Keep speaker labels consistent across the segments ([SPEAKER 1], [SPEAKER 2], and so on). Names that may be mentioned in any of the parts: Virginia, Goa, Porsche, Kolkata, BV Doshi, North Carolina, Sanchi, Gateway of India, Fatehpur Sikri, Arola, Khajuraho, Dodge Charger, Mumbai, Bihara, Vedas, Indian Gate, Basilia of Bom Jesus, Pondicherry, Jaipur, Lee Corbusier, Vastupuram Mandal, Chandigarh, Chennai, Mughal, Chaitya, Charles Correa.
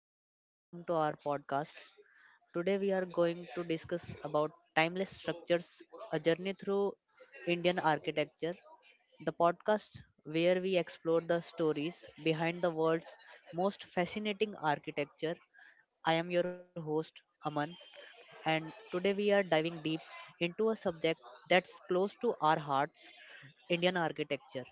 [SPEAKER 1] and welcome to our podcast. Today, we are going to discuss about timeless structures, a journey through Indian architecture. The podcast where we explore the stories behind the world's most fascinating architecture. I am your host, Aman, and today we are diving deep into a subject that's close to our hearts Indian architecture.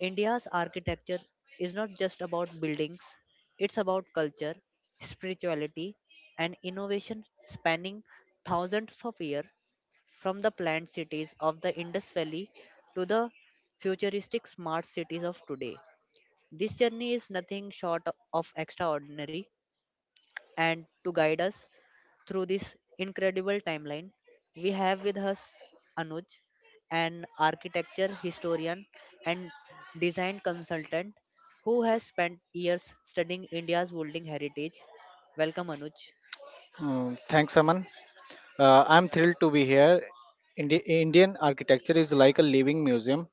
[SPEAKER 1] India's architecture is not just about buildings, it's about culture, spirituality, and innovation spanning thousands of years from the planned cities of the Indus Valley to the futuristic smart cities of today. This journey is nothing short of extraordinary, and to guide us through this incredible timeline. We have with us Anuj, an architecture historian and design consultant who has spent years studying India's building heritage. Welcome, Anuj.
[SPEAKER 2] Thanks, Aman. I'm thrilled to be here. Indian architecture is like a living museum.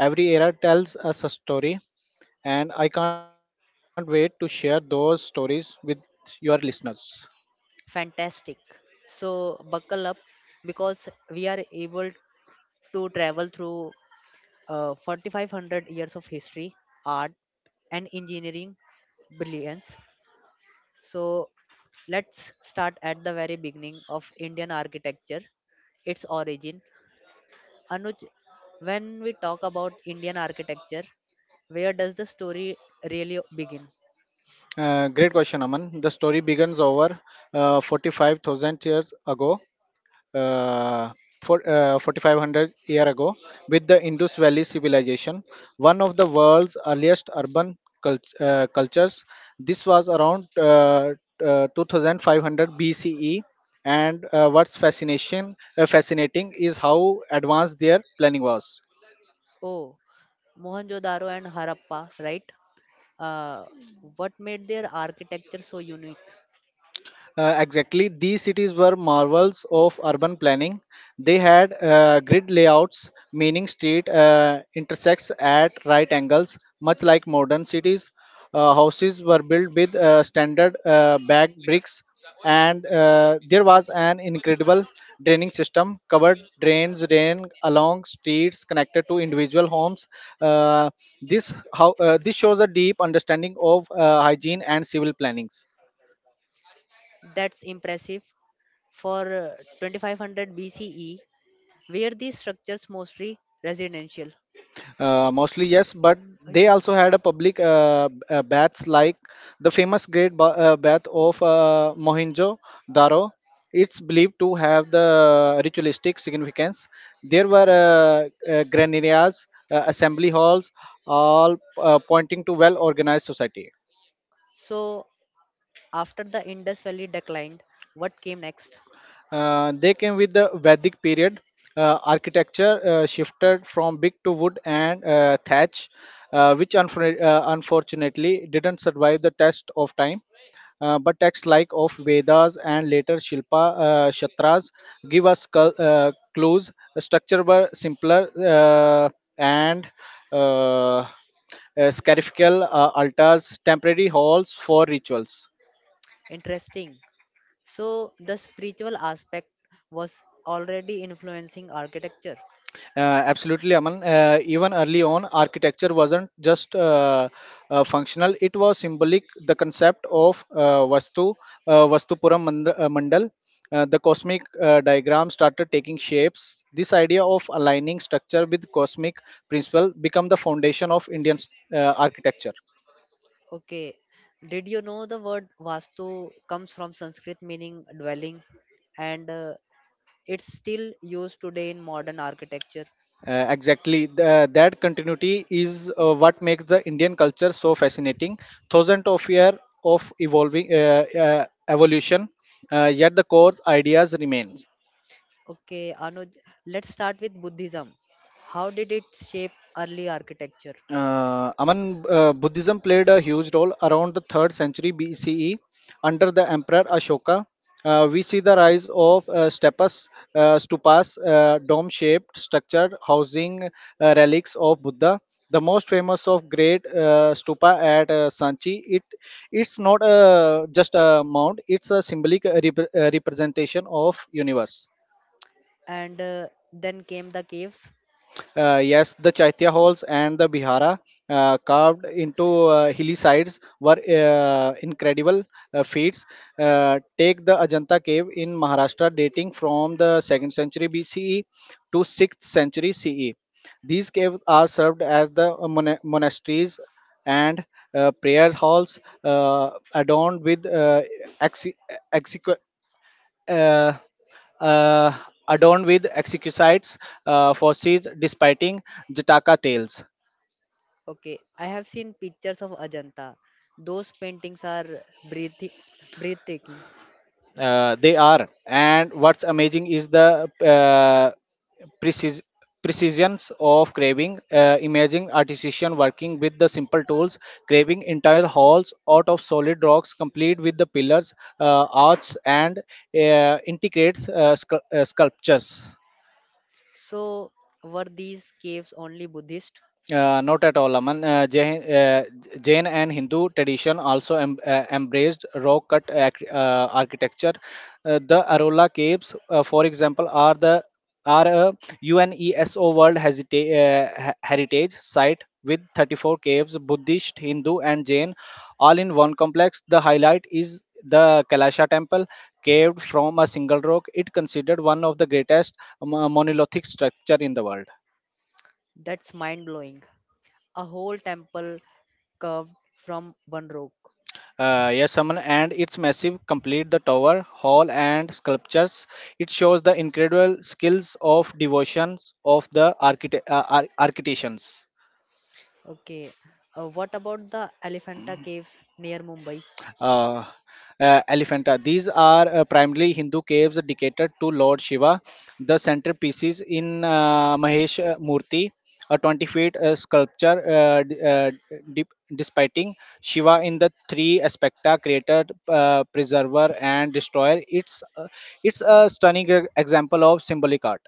[SPEAKER 2] Every era tells us a story, and I can't wait to share those stories with your listeners.
[SPEAKER 1] Fantastic. So, buckle up because we are able to travel through 4500 years of history, art, and engineering brilliance. So let's start at the very beginning of Indian architecture, its origin. Anuj, when we talk about Indian architecture, where does the story really begin?
[SPEAKER 2] Great question, Aman. The story begins over 45,000 years ago uh, 4500 year ago with the Indus Valley civilization, one of the world's earliest urban cultures. This was around 2500 BCE, and what's fascination fascinating is how advanced their planning was.
[SPEAKER 1] Oh, Mohenjo-daro and Harappa, right? Uh, what made their architecture so unique?
[SPEAKER 2] Exactly, these cities were marvels of urban planning. They had grid layouts, meaning street intersects at right angles, much like modern cities. Houses were built with standard bagged bricks, and there was an incredible draining system. Covered drains ran along streets connected to individual homes. Uh, this shows a deep understanding of hygiene and civil plannings.
[SPEAKER 1] That's impressive. For 2500 BCE, were these structures mostly residential?
[SPEAKER 2] Mostly yes, but
[SPEAKER 1] भाई
[SPEAKER 2] they
[SPEAKER 1] चुप।
[SPEAKER 2] also had a public baths like the famous Great Bath of Mohenjo-Daro. It's believed to have the ritualistic significance. There were granaries, assembly halls, all pointing to well-organized society.
[SPEAKER 1] So after the Indus Valley declined, what came next?
[SPEAKER 2] They came with the Vedic period. Architecture shifted from brick to wood and thatch, which unfortunately didn't survive the test of time. But texts like of Vedas and later Shilpa Shatras give us clues. The structure were simpler and uh, uh, scarifical altars, temporary halls for rituals.
[SPEAKER 1] Interesting. So the spiritual aspect was already influencing architecture.
[SPEAKER 2] Uh, Absolutely, Aman. Even early on, architecture wasn't just functional; it was symbolic. The concept of Vastu, Vastupuram Mandal, the cosmic diagram started taking shapes. This idea of aligning structure with cosmic principle became the foundation of Indian architecture.
[SPEAKER 1] Okay. Did you know the word Vastu comes from Sanskrit meaning dwelling and it's still used today in modern architecture.
[SPEAKER 2] Exactly. That continuity is what makes the Indian culture so fascinating. Thousands of years of evolving evolution, yet the core ideas remains.
[SPEAKER 1] Okay, Anuj, let's start with Buddhism. How did it shape early architecture?
[SPEAKER 2] Aman, Buddhism played a huge role around the 3rd century BCE under the Emperor Ashoka. We see the rise of stupas, dome shaped structure housing relics of Buddha. The most famous of great stupa at Sanchi, it's not just a mound; it's a symbolic representation of universe.
[SPEAKER 1] And then came the caves.
[SPEAKER 2] Yes, the Chaitya halls and the Bihara, carved into hilly sides, were incredible feats. Take the Ajanta cave in Maharashtra, dating from the 2nd century BCE to 6th century CE. These caves are served as the monasteries and prayer halls adorned with exe- uh, uh, exquisite fossils despite Jataka tales.
[SPEAKER 1] Okay, I have seen pictures of Ajanta. Those paintings are breathtaking.
[SPEAKER 2] They are, and what's amazing is the precis- precisions of carving, imaging artisan working with the simple tools, carving entire halls out of solid rocks, complete with the pillars, arches, and integrates sculptures.
[SPEAKER 1] So, were these caves only Buddhist?
[SPEAKER 2] Not at all, Aman. Jain and Hindu tradition also embraced rock-cut architecture. The Arola caves, for example, are a UNESCO World Heritage Site with 34 caves, Buddhist, Hindu, and Jain, all in one complex. The highlight is the Kailasha Temple, caved from a single rock. It considered one of the greatest monolithic structure in the world.
[SPEAKER 1] That's mind blowing. A whole temple carved from one rock.
[SPEAKER 2] Yes, Aman, and its massive complete the tower, hall, and sculptures. It shows the incredible skills of devotions of the architects.
[SPEAKER 1] Okay, what about the Elephanta caves near Mumbai?
[SPEAKER 2] uh, Elephanta. These are primarily Hindu caves dedicated to Lord Shiva. The centerpieces in Mahesh Murthy, a 20 feet sculpture dep- depicting Shiva in the three aspecta creator, preserver, and destroyer. It's a stunning example of symbolic art.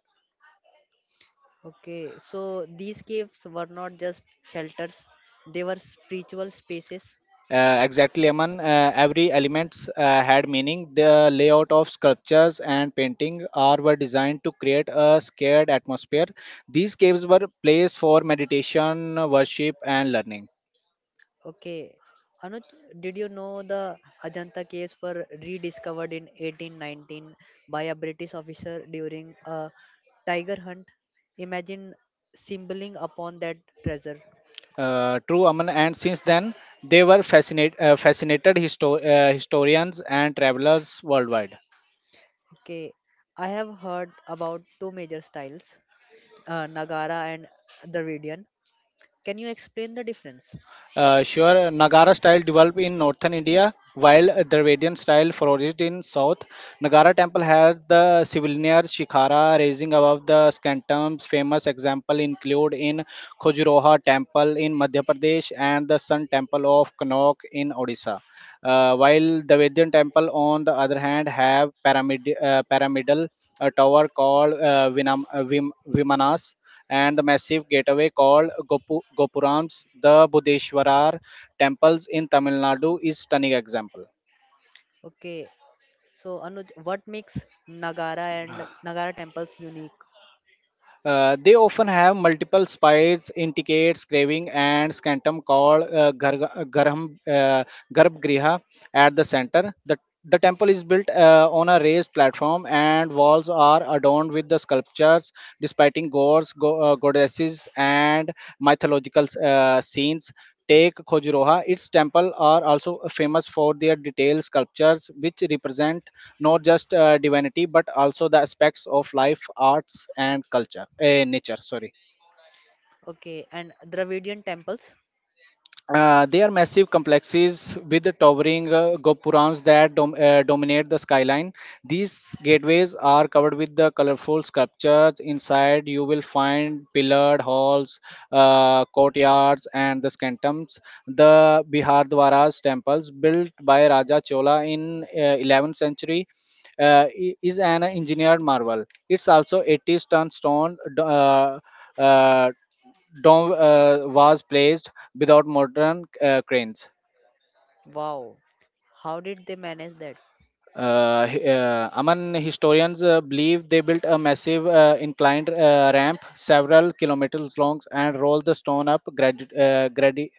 [SPEAKER 1] Okay, so these caves were not just shelters, they were spiritual spaces.
[SPEAKER 2] Exactly, Aman. Every elements had meaning. The layout of sculptures and painting are were designed to create a scared atmosphere. These caves were placed for meditation, worship, and learning.
[SPEAKER 1] Okay. Anuj, did you know the Ajanta caves were rediscovered in 1819 by a British officer during a tiger hunt? Imagine symboling upon that treasure.
[SPEAKER 2] True, Aman. And since then, they were fascinated historians and travelers worldwide.
[SPEAKER 1] Okay. I have heard about two major styles, Nagara and Dravidian. Can you explain the difference?
[SPEAKER 2] Sure, Nagara style developed in northern India, while Dravidian style flourished in south. Nagara temple had the civilian shikhara raising above the scantums. Famous example include in Khajuraho temple in Madhya Pradesh and the Sun temple of Connaught in Odisha. While Dravidian temple, on the other hand, have pyramidal tower called Vimanas and the massive gateway called Gopurams, the Budeshwarar temples in Tamil Nadu is stunning example.
[SPEAKER 1] Okay. So, Anuj, what makes Nagara and Nagara temples unique?
[SPEAKER 2] They often have multiple spires, indicates, craving, and scantum called Garbhgriha at the center. The temple is built on a raised platform, and walls are adorned with the sculptures, depicting gods, goddesses, and mythological scenes. Take Khojuraho, its temples are also famous for their detailed sculptures, which represent not just divinity but also the aspects of life, arts, and culture, eh, nature. Sorry.
[SPEAKER 1] Okay. And Dravidian temples?
[SPEAKER 2] They are massive complexes with the towering gopurams that dominate the skyline. These gateways are covered with the colorful sculptures. Inside, you will find pillared halls, courtyards, and the scantums. The Bihardwara's temples, built by Raja Chola in 11th century, is an engineered marvel. It's also 80-ton stone. Uh, Dome was placed without modern cranes.
[SPEAKER 1] Wow, how did they manage that?
[SPEAKER 2] Among historians believe they built a massive inclined ramp several kilometers long and rolled the stone up gradu- uh, gradi-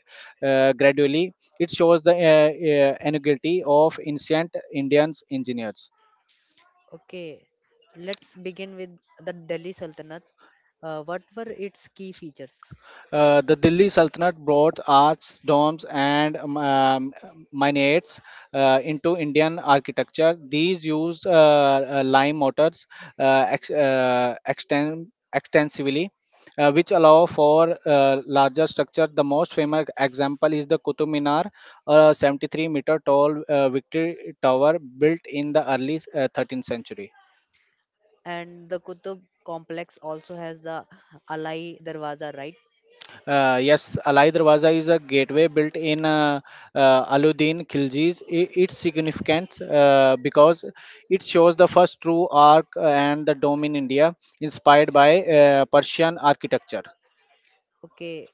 [SPEAKER 2] uh, gradually. It shows the ingenuity of ancient Indians engineers.
[SPEAKER 1] Okay, let's begin with the Delhi Sultanate. What were its key features?
[SPEAKER 2] The Delhi Sultanate brought arts, domes, and minarets into Indian architecture. These used lime mortars uh, ex- uh, exten- extensively, which allow for larger structure. The most famous example is the Qutub Minar, a 73-meter tall Victory Tower built in the early 13th century.
[SPEAKER 1] And the Qutub complex also has the Alai Darwaza, right?
[SPEAKER 2] Yes, Alai Darwaza is a gateway built in Aluddin Khilji's. Its significance because it shows the first true arc and the dome in India, inspired by Persian architecture.
[SPEAKER 1] Okay,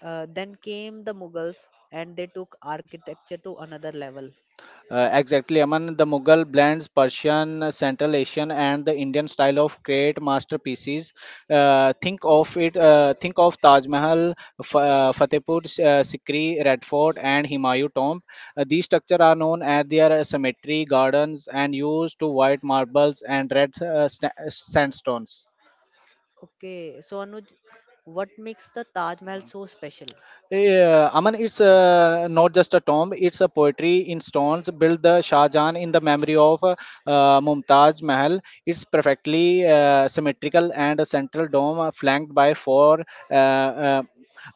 [SPEAKER 1] then came the Mughals and they took architecture to another level.
[SPEAKER 2] Exactly, Aman. The Mughal blends Persian, Central Asian, and the Indian style of create masterpieces. Think of it. Think of Taj Mahal, Fatehpur Sikri, Red Fort, and Humayun Tomb. These structures are known as their cemetery gardens and used to white marbles and red sandstones.
[SPEAKER 1] Okay, so Anuj, what makes the Taj Mahal so special?
[SPEAKER 2] Yeah, Aman, it's not just a tomb, it's a poetry in stones built the Shah Jahan in the memory of Mumtaz Mahal. It's perfectly symmetrical and a central dome flanked by four uh, uh,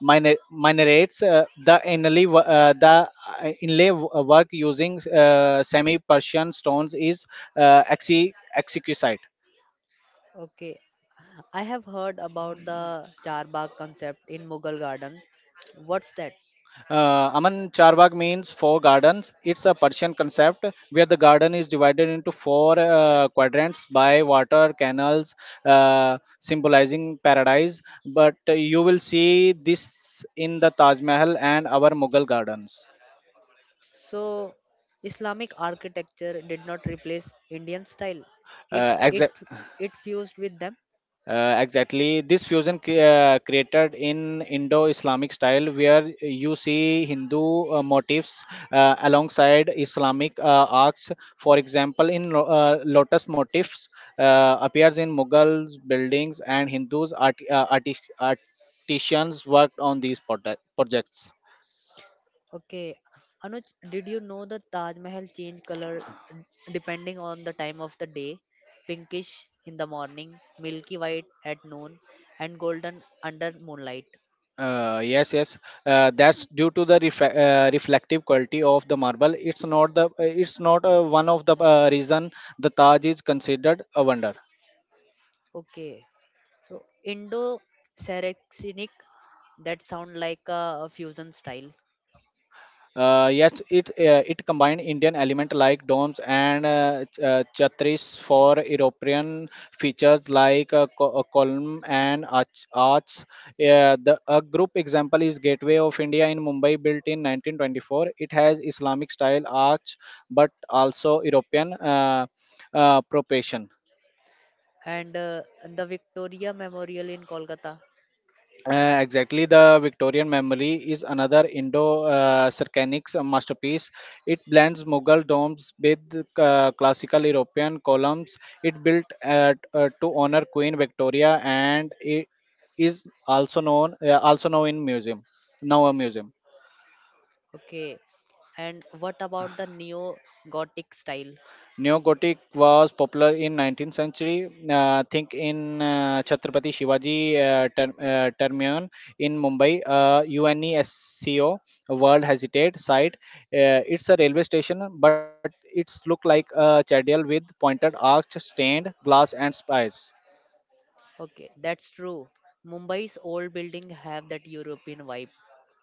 [SPEAKER 2] minarets. The inlay work using semi-Persian stones is exquisite.
[SPEAKER 1] Okay, I have heard about the Charbagh concept in Mughal garden. What's that?
[SPEAKER 2] Aman Charbagh means four gardens. It's a Persian concept where the garden is divided into four quadrants by water canals, symbolizing paradise. But you will see this in the Taj Mahal and our Mughal gardens.
[SPEAKER 1] So, Islamic architecture did not replace Indian style. It it
[SPEAKER 2] Exa-
[SPEAKER 1] it fused with them.
[SPEAKER 2] Exactly. This fusion created in Indo-Islamic style, where you see Hindu motifs alongside Islamic arcs. For example, in lotus motifs appears in Mughals buildings, and Hindus artisans worked on these projects.
[SPEAKER 1] Okay, Anuj, did you know that Taj Mahal change color depending on the time of the day? Pinkish in the morning, milky white at noon, and golden under moonlight.
[SPEAKER 2] Yes, yes. That's due to the reflective quality of the marble. It's not one of the reason the Taj is considered a wonder.
[SPEAKER 1] Okay, so Indo-Saracenic that sound like a fusion style,
[SPEAKER 2] Yes, it combined Indian element like domes and chhatris for European features like a column and arch, arts. The a group example is Gateway of India in Mumbai, built in 1924. It has Islamic style arch, but also European proportion.
[SPEAKER 1] and the Victoria Memorial in Kolkata.
[SPEAKER 2] Exactly, the Victorian Memory is another Indo-Cercanic masterpiece. It blends Mughal domes with classical European columns. It built to honor Queen Victoria and it is also known also now in museum, now a museum.
[SPEAKER 1] Okay. And what about the neo Gothic style?
[SPEAKER 2] Neo-Gothic was popular in 19th century. Think in Chhatrapati Shivaji Terminal in Mumbai. UNESCO World Heritage Site. It's a railway station, but it's look like a citadel with pointed arch, stained glass, and spires.
[SPEAKER 1] Okay, that's true. Mumbai's old building have that European vibe.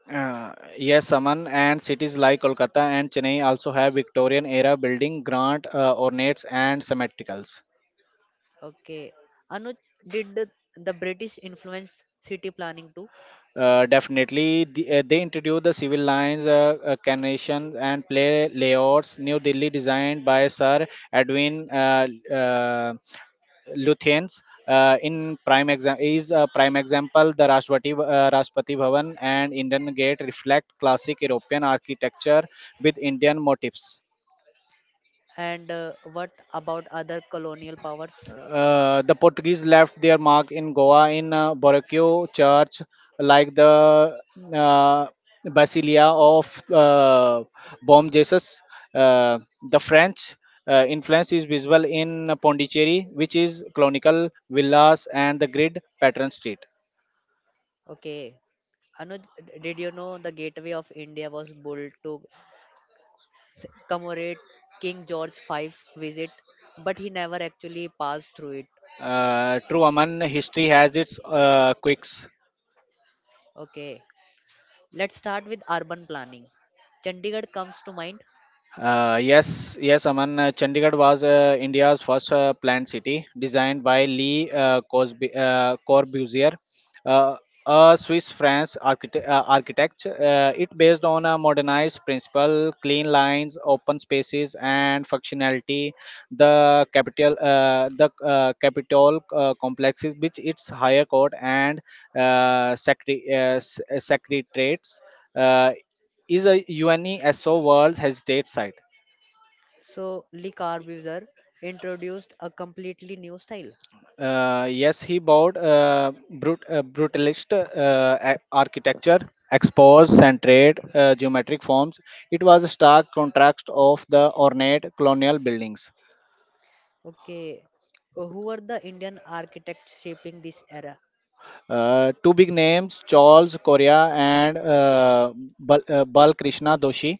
[SPEAKER 2] Yes, Saman, and cities like Kolkata and Chennai also have Victorian era building, grand ornates, and symmetricals.
[SPEAKER 1] Okay. Anuj, did the British influence city planning too?
[SPEAKER 2] Definitely, they introduced the civil lines, canonations, and play layouts. New Delhi designed by Sir Edwin Lutyens. In prime exam is a prime example. The Rashtrapati Rashtrapati Bhavan and Indian Gate reflect classic European architecture with Indian motifs.
[SPEAKER 1] And what about other colonial powers?
[SPEAKER 2] The Portuguese left their mark in Goa in Boracay Church, like the uh, Basilia of uh, Bom Jesus. Uh, the French influence is visible in Pondicherry, which is colonial villas and the grid pattern street.
[SPEAKER 1] Okay. Anuj, did you know the Gateway of India was built to commemorate King George V visit, but he never actually passed through it.
[SPEAKER 2] True Aman, history has its quirks.
[SPEAKER 1] Okay. Let's start with urban planning. Chandigarh comes to mind.
[SPEAKER 2] Yes, yes, Aman. Chandigarh was India's first planned city, designed by Lee Corbusier, uh, a Swiss France architect. Architect. It based on a modernized principle, clean lines, open spaces, and functionality. The Capitol complex, which its higher court and secretariats. Uh, is a UNESCO World Heritage Site.
[SPEAKER 1] So Lee Corbusier introduced a completely new style.
[SPEAKER 2] Yes, he bought brutalist architecture, exposed and trade geometric forms. It was a stark contrast of the ornate colonial buildings.
[SPEAKER 1] Okay, who were the Indian architects shaping this era?
[SPEAKER 2] Two big names, Charles Correa and Bal Krishna Doshi.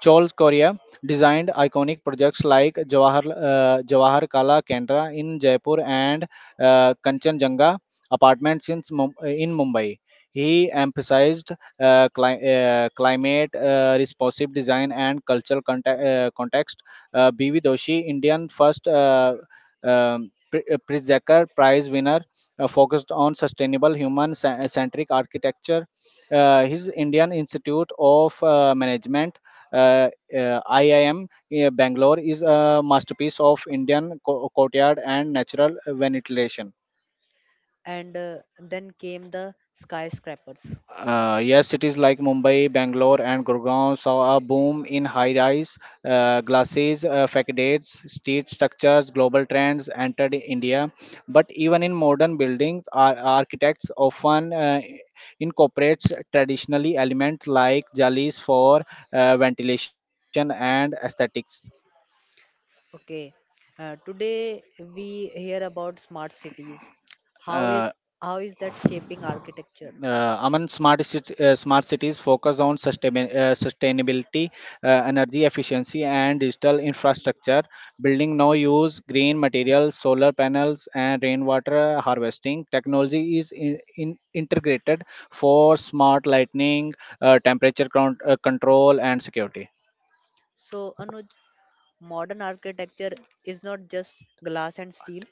[SPEAKER 2] Charles Correa designed iconic projects like Jawahar Kala Kendra in Jaipur and Kanchenjunga apartments in Mumbai. He emphasized climate responsive design and cultural context. B.V. Doshi, Indian first Pritzker Prize winner, focused on sustainable human centric architecture. His Indian Institute of Management, uh, IIM, Bangalore, is a masterpiece of Indian courtyard and natural ventilation.
[SPEAKER 1] And then came the skyscrapers.
[SPEAKER 2] Yes, cities like Mumbai, Bangalore, and Gurgaon saw a boom in high-rise glasses, facades, street structures. Global trends entered India, but even in modern buildings, architects often incorporates traditionally elements like jalis for ventilation and aesthetics.
[SPEAKER 1] Okay, today we hear about smart cities. How
[SPEAKER 2] Uh,
[SPEAKER 1] is how is that shaping architecture?
[SPEAKER 2] Among smart smart cities focus on sustainability energy efficiency and digital infrastructure, building now use green materials, solar panels, and rainwater harvesting technology is in integrated for smart lighting, temperature control, and security.
[SPEAKER 1] So Anuj, modern architecture is not just glass and steel.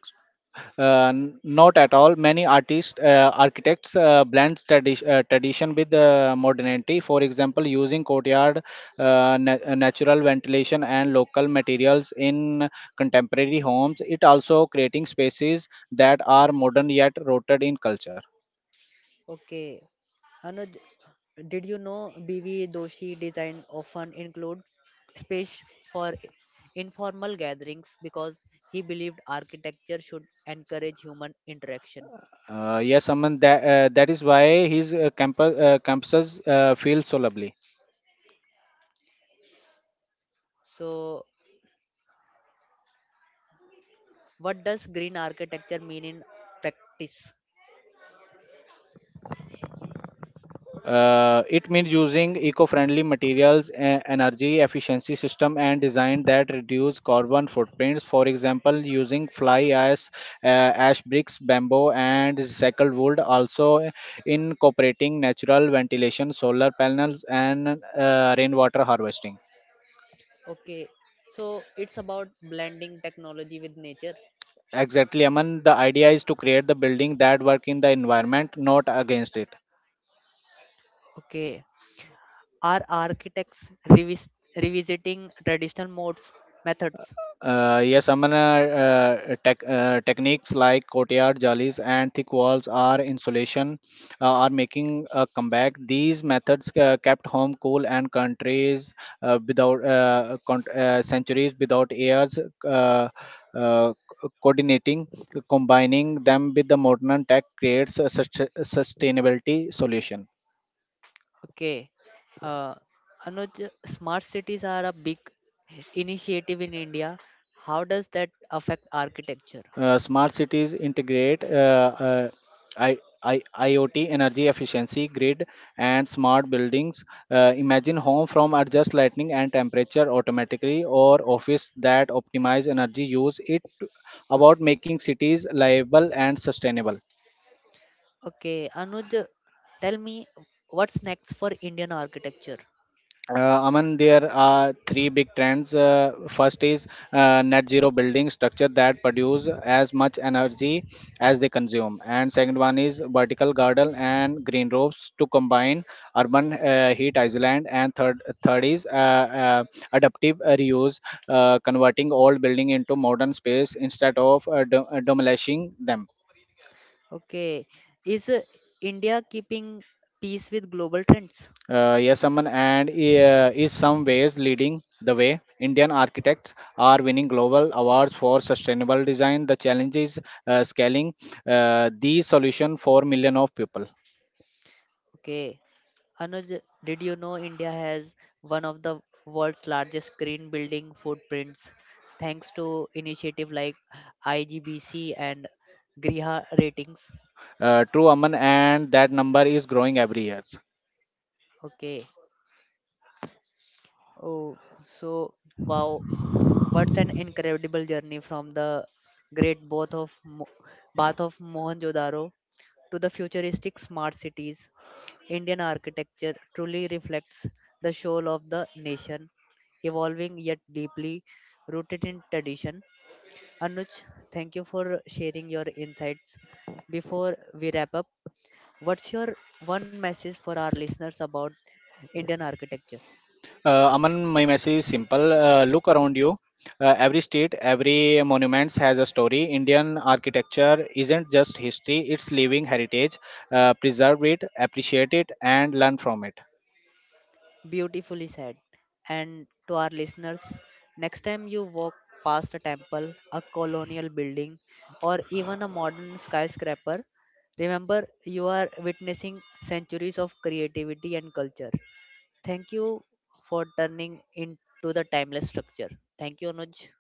[SPEAKER 2] Not at all. Many architects blend tradition with modernity. For example, using courtyard, natural ventilation, and local materials in contemporary homes. It also creating spaces that are modern yet rooted in culture.
[SPEAKER 1] Okay. Anuj, did you know BV Doshi design often includes space for informal gatherings because he believed architecture should encourage human interaction.
[SPEAKER 2] Yes, Aman, that is why his campuses feel so lovely.
[SPEAKER 1] So, what does green architecture mean in practice?
[SPEAKER 2] It means using eco-friendly materials, energy efficiency system, and design that reduce carbon footprints. For example, using fly ash bricks, bamboo, and recycled wood. Also, incorporating natural ventilation, solar panels, and rainwater harvesting.
[SPEAKER 1] Okay, so it's about blending technology with nature.
[SPEAKER 2] Exactly, Aman. The idea is to create the building that work in the environment, not against it.
[SPEAKER 1] Okay, are architects revisiting traditional modes methods?
[SPEAKER 2] Yes, Amana, techniques like courtyard jollies and thick walls are insulation are making a comeback. These methods kept home cool and countries without con- centuries without years uh, coordinating, combining them with the modern tech creates a sustainability solution.
[SPEAKER 1] Okay. Uh, Anuj, smart cities are a big initiative in India. How does that affect architecture?
[SPEAKER 2] Smart cities integrate IoT, energy efficiency, grid, and smart buildings. Imagine home from adjust lighting and temperature automatically, or office that optimize energy use. It about making cities livable and sustainable.
[SPEAKER 1] Okay, Anuj, tell me what's next for Indian architecture?
[SPEAKER 2] Aman, there are three big trends. First is net zero building structure that produce as much energy as they consume, and second one is vertical garden and green roofs to combine urban heat island, and third is adaptive reuse, converting old building into modern space instead of demolishing them.
[SPEAKER 1] Okay, is India keeping pace with global trends?
[SPEAKER 2] Yes, Aman, and is some ways leading the way. Indian architects are winning global awards for sustainable design. The challenge is scaling the solution for million of people.
[SPEAKER 1] Okay, Anuj, did you know India has one of the world's largest green building footprints thanks to initiative like IGBC and Griha ratings?
[SPEAKER 2] True, Aman, and that number is growing every year.
[SPEAKER 1] Okay. Oh, so wow, what's an incredible journey from the great bath of Mohenjo-daro to the futuristic smart cities. Indian architecture truly reflects the soul of the nation, evolving yet deeply rooted in tradition. Anuj, thank you for sharing your insights. Before we wrap up, what's your one message for our listeners about Indian architecture?
[SPEAKER 2] Aman, my message is simple. Look around you. Every street, every monument has a story. Indian architecture isn't just history; it's living heritage. Preserve it, appreciate it, and learn from it.
[SPEAKER 1] Beautifully said. And to our listeners, next time you walk past a temple, a colonial building, or even a modern skyscraper, remember you are witnessing centuries of creativity and culture. Thank you for turning into the timeless structure. Thank you, Anuj.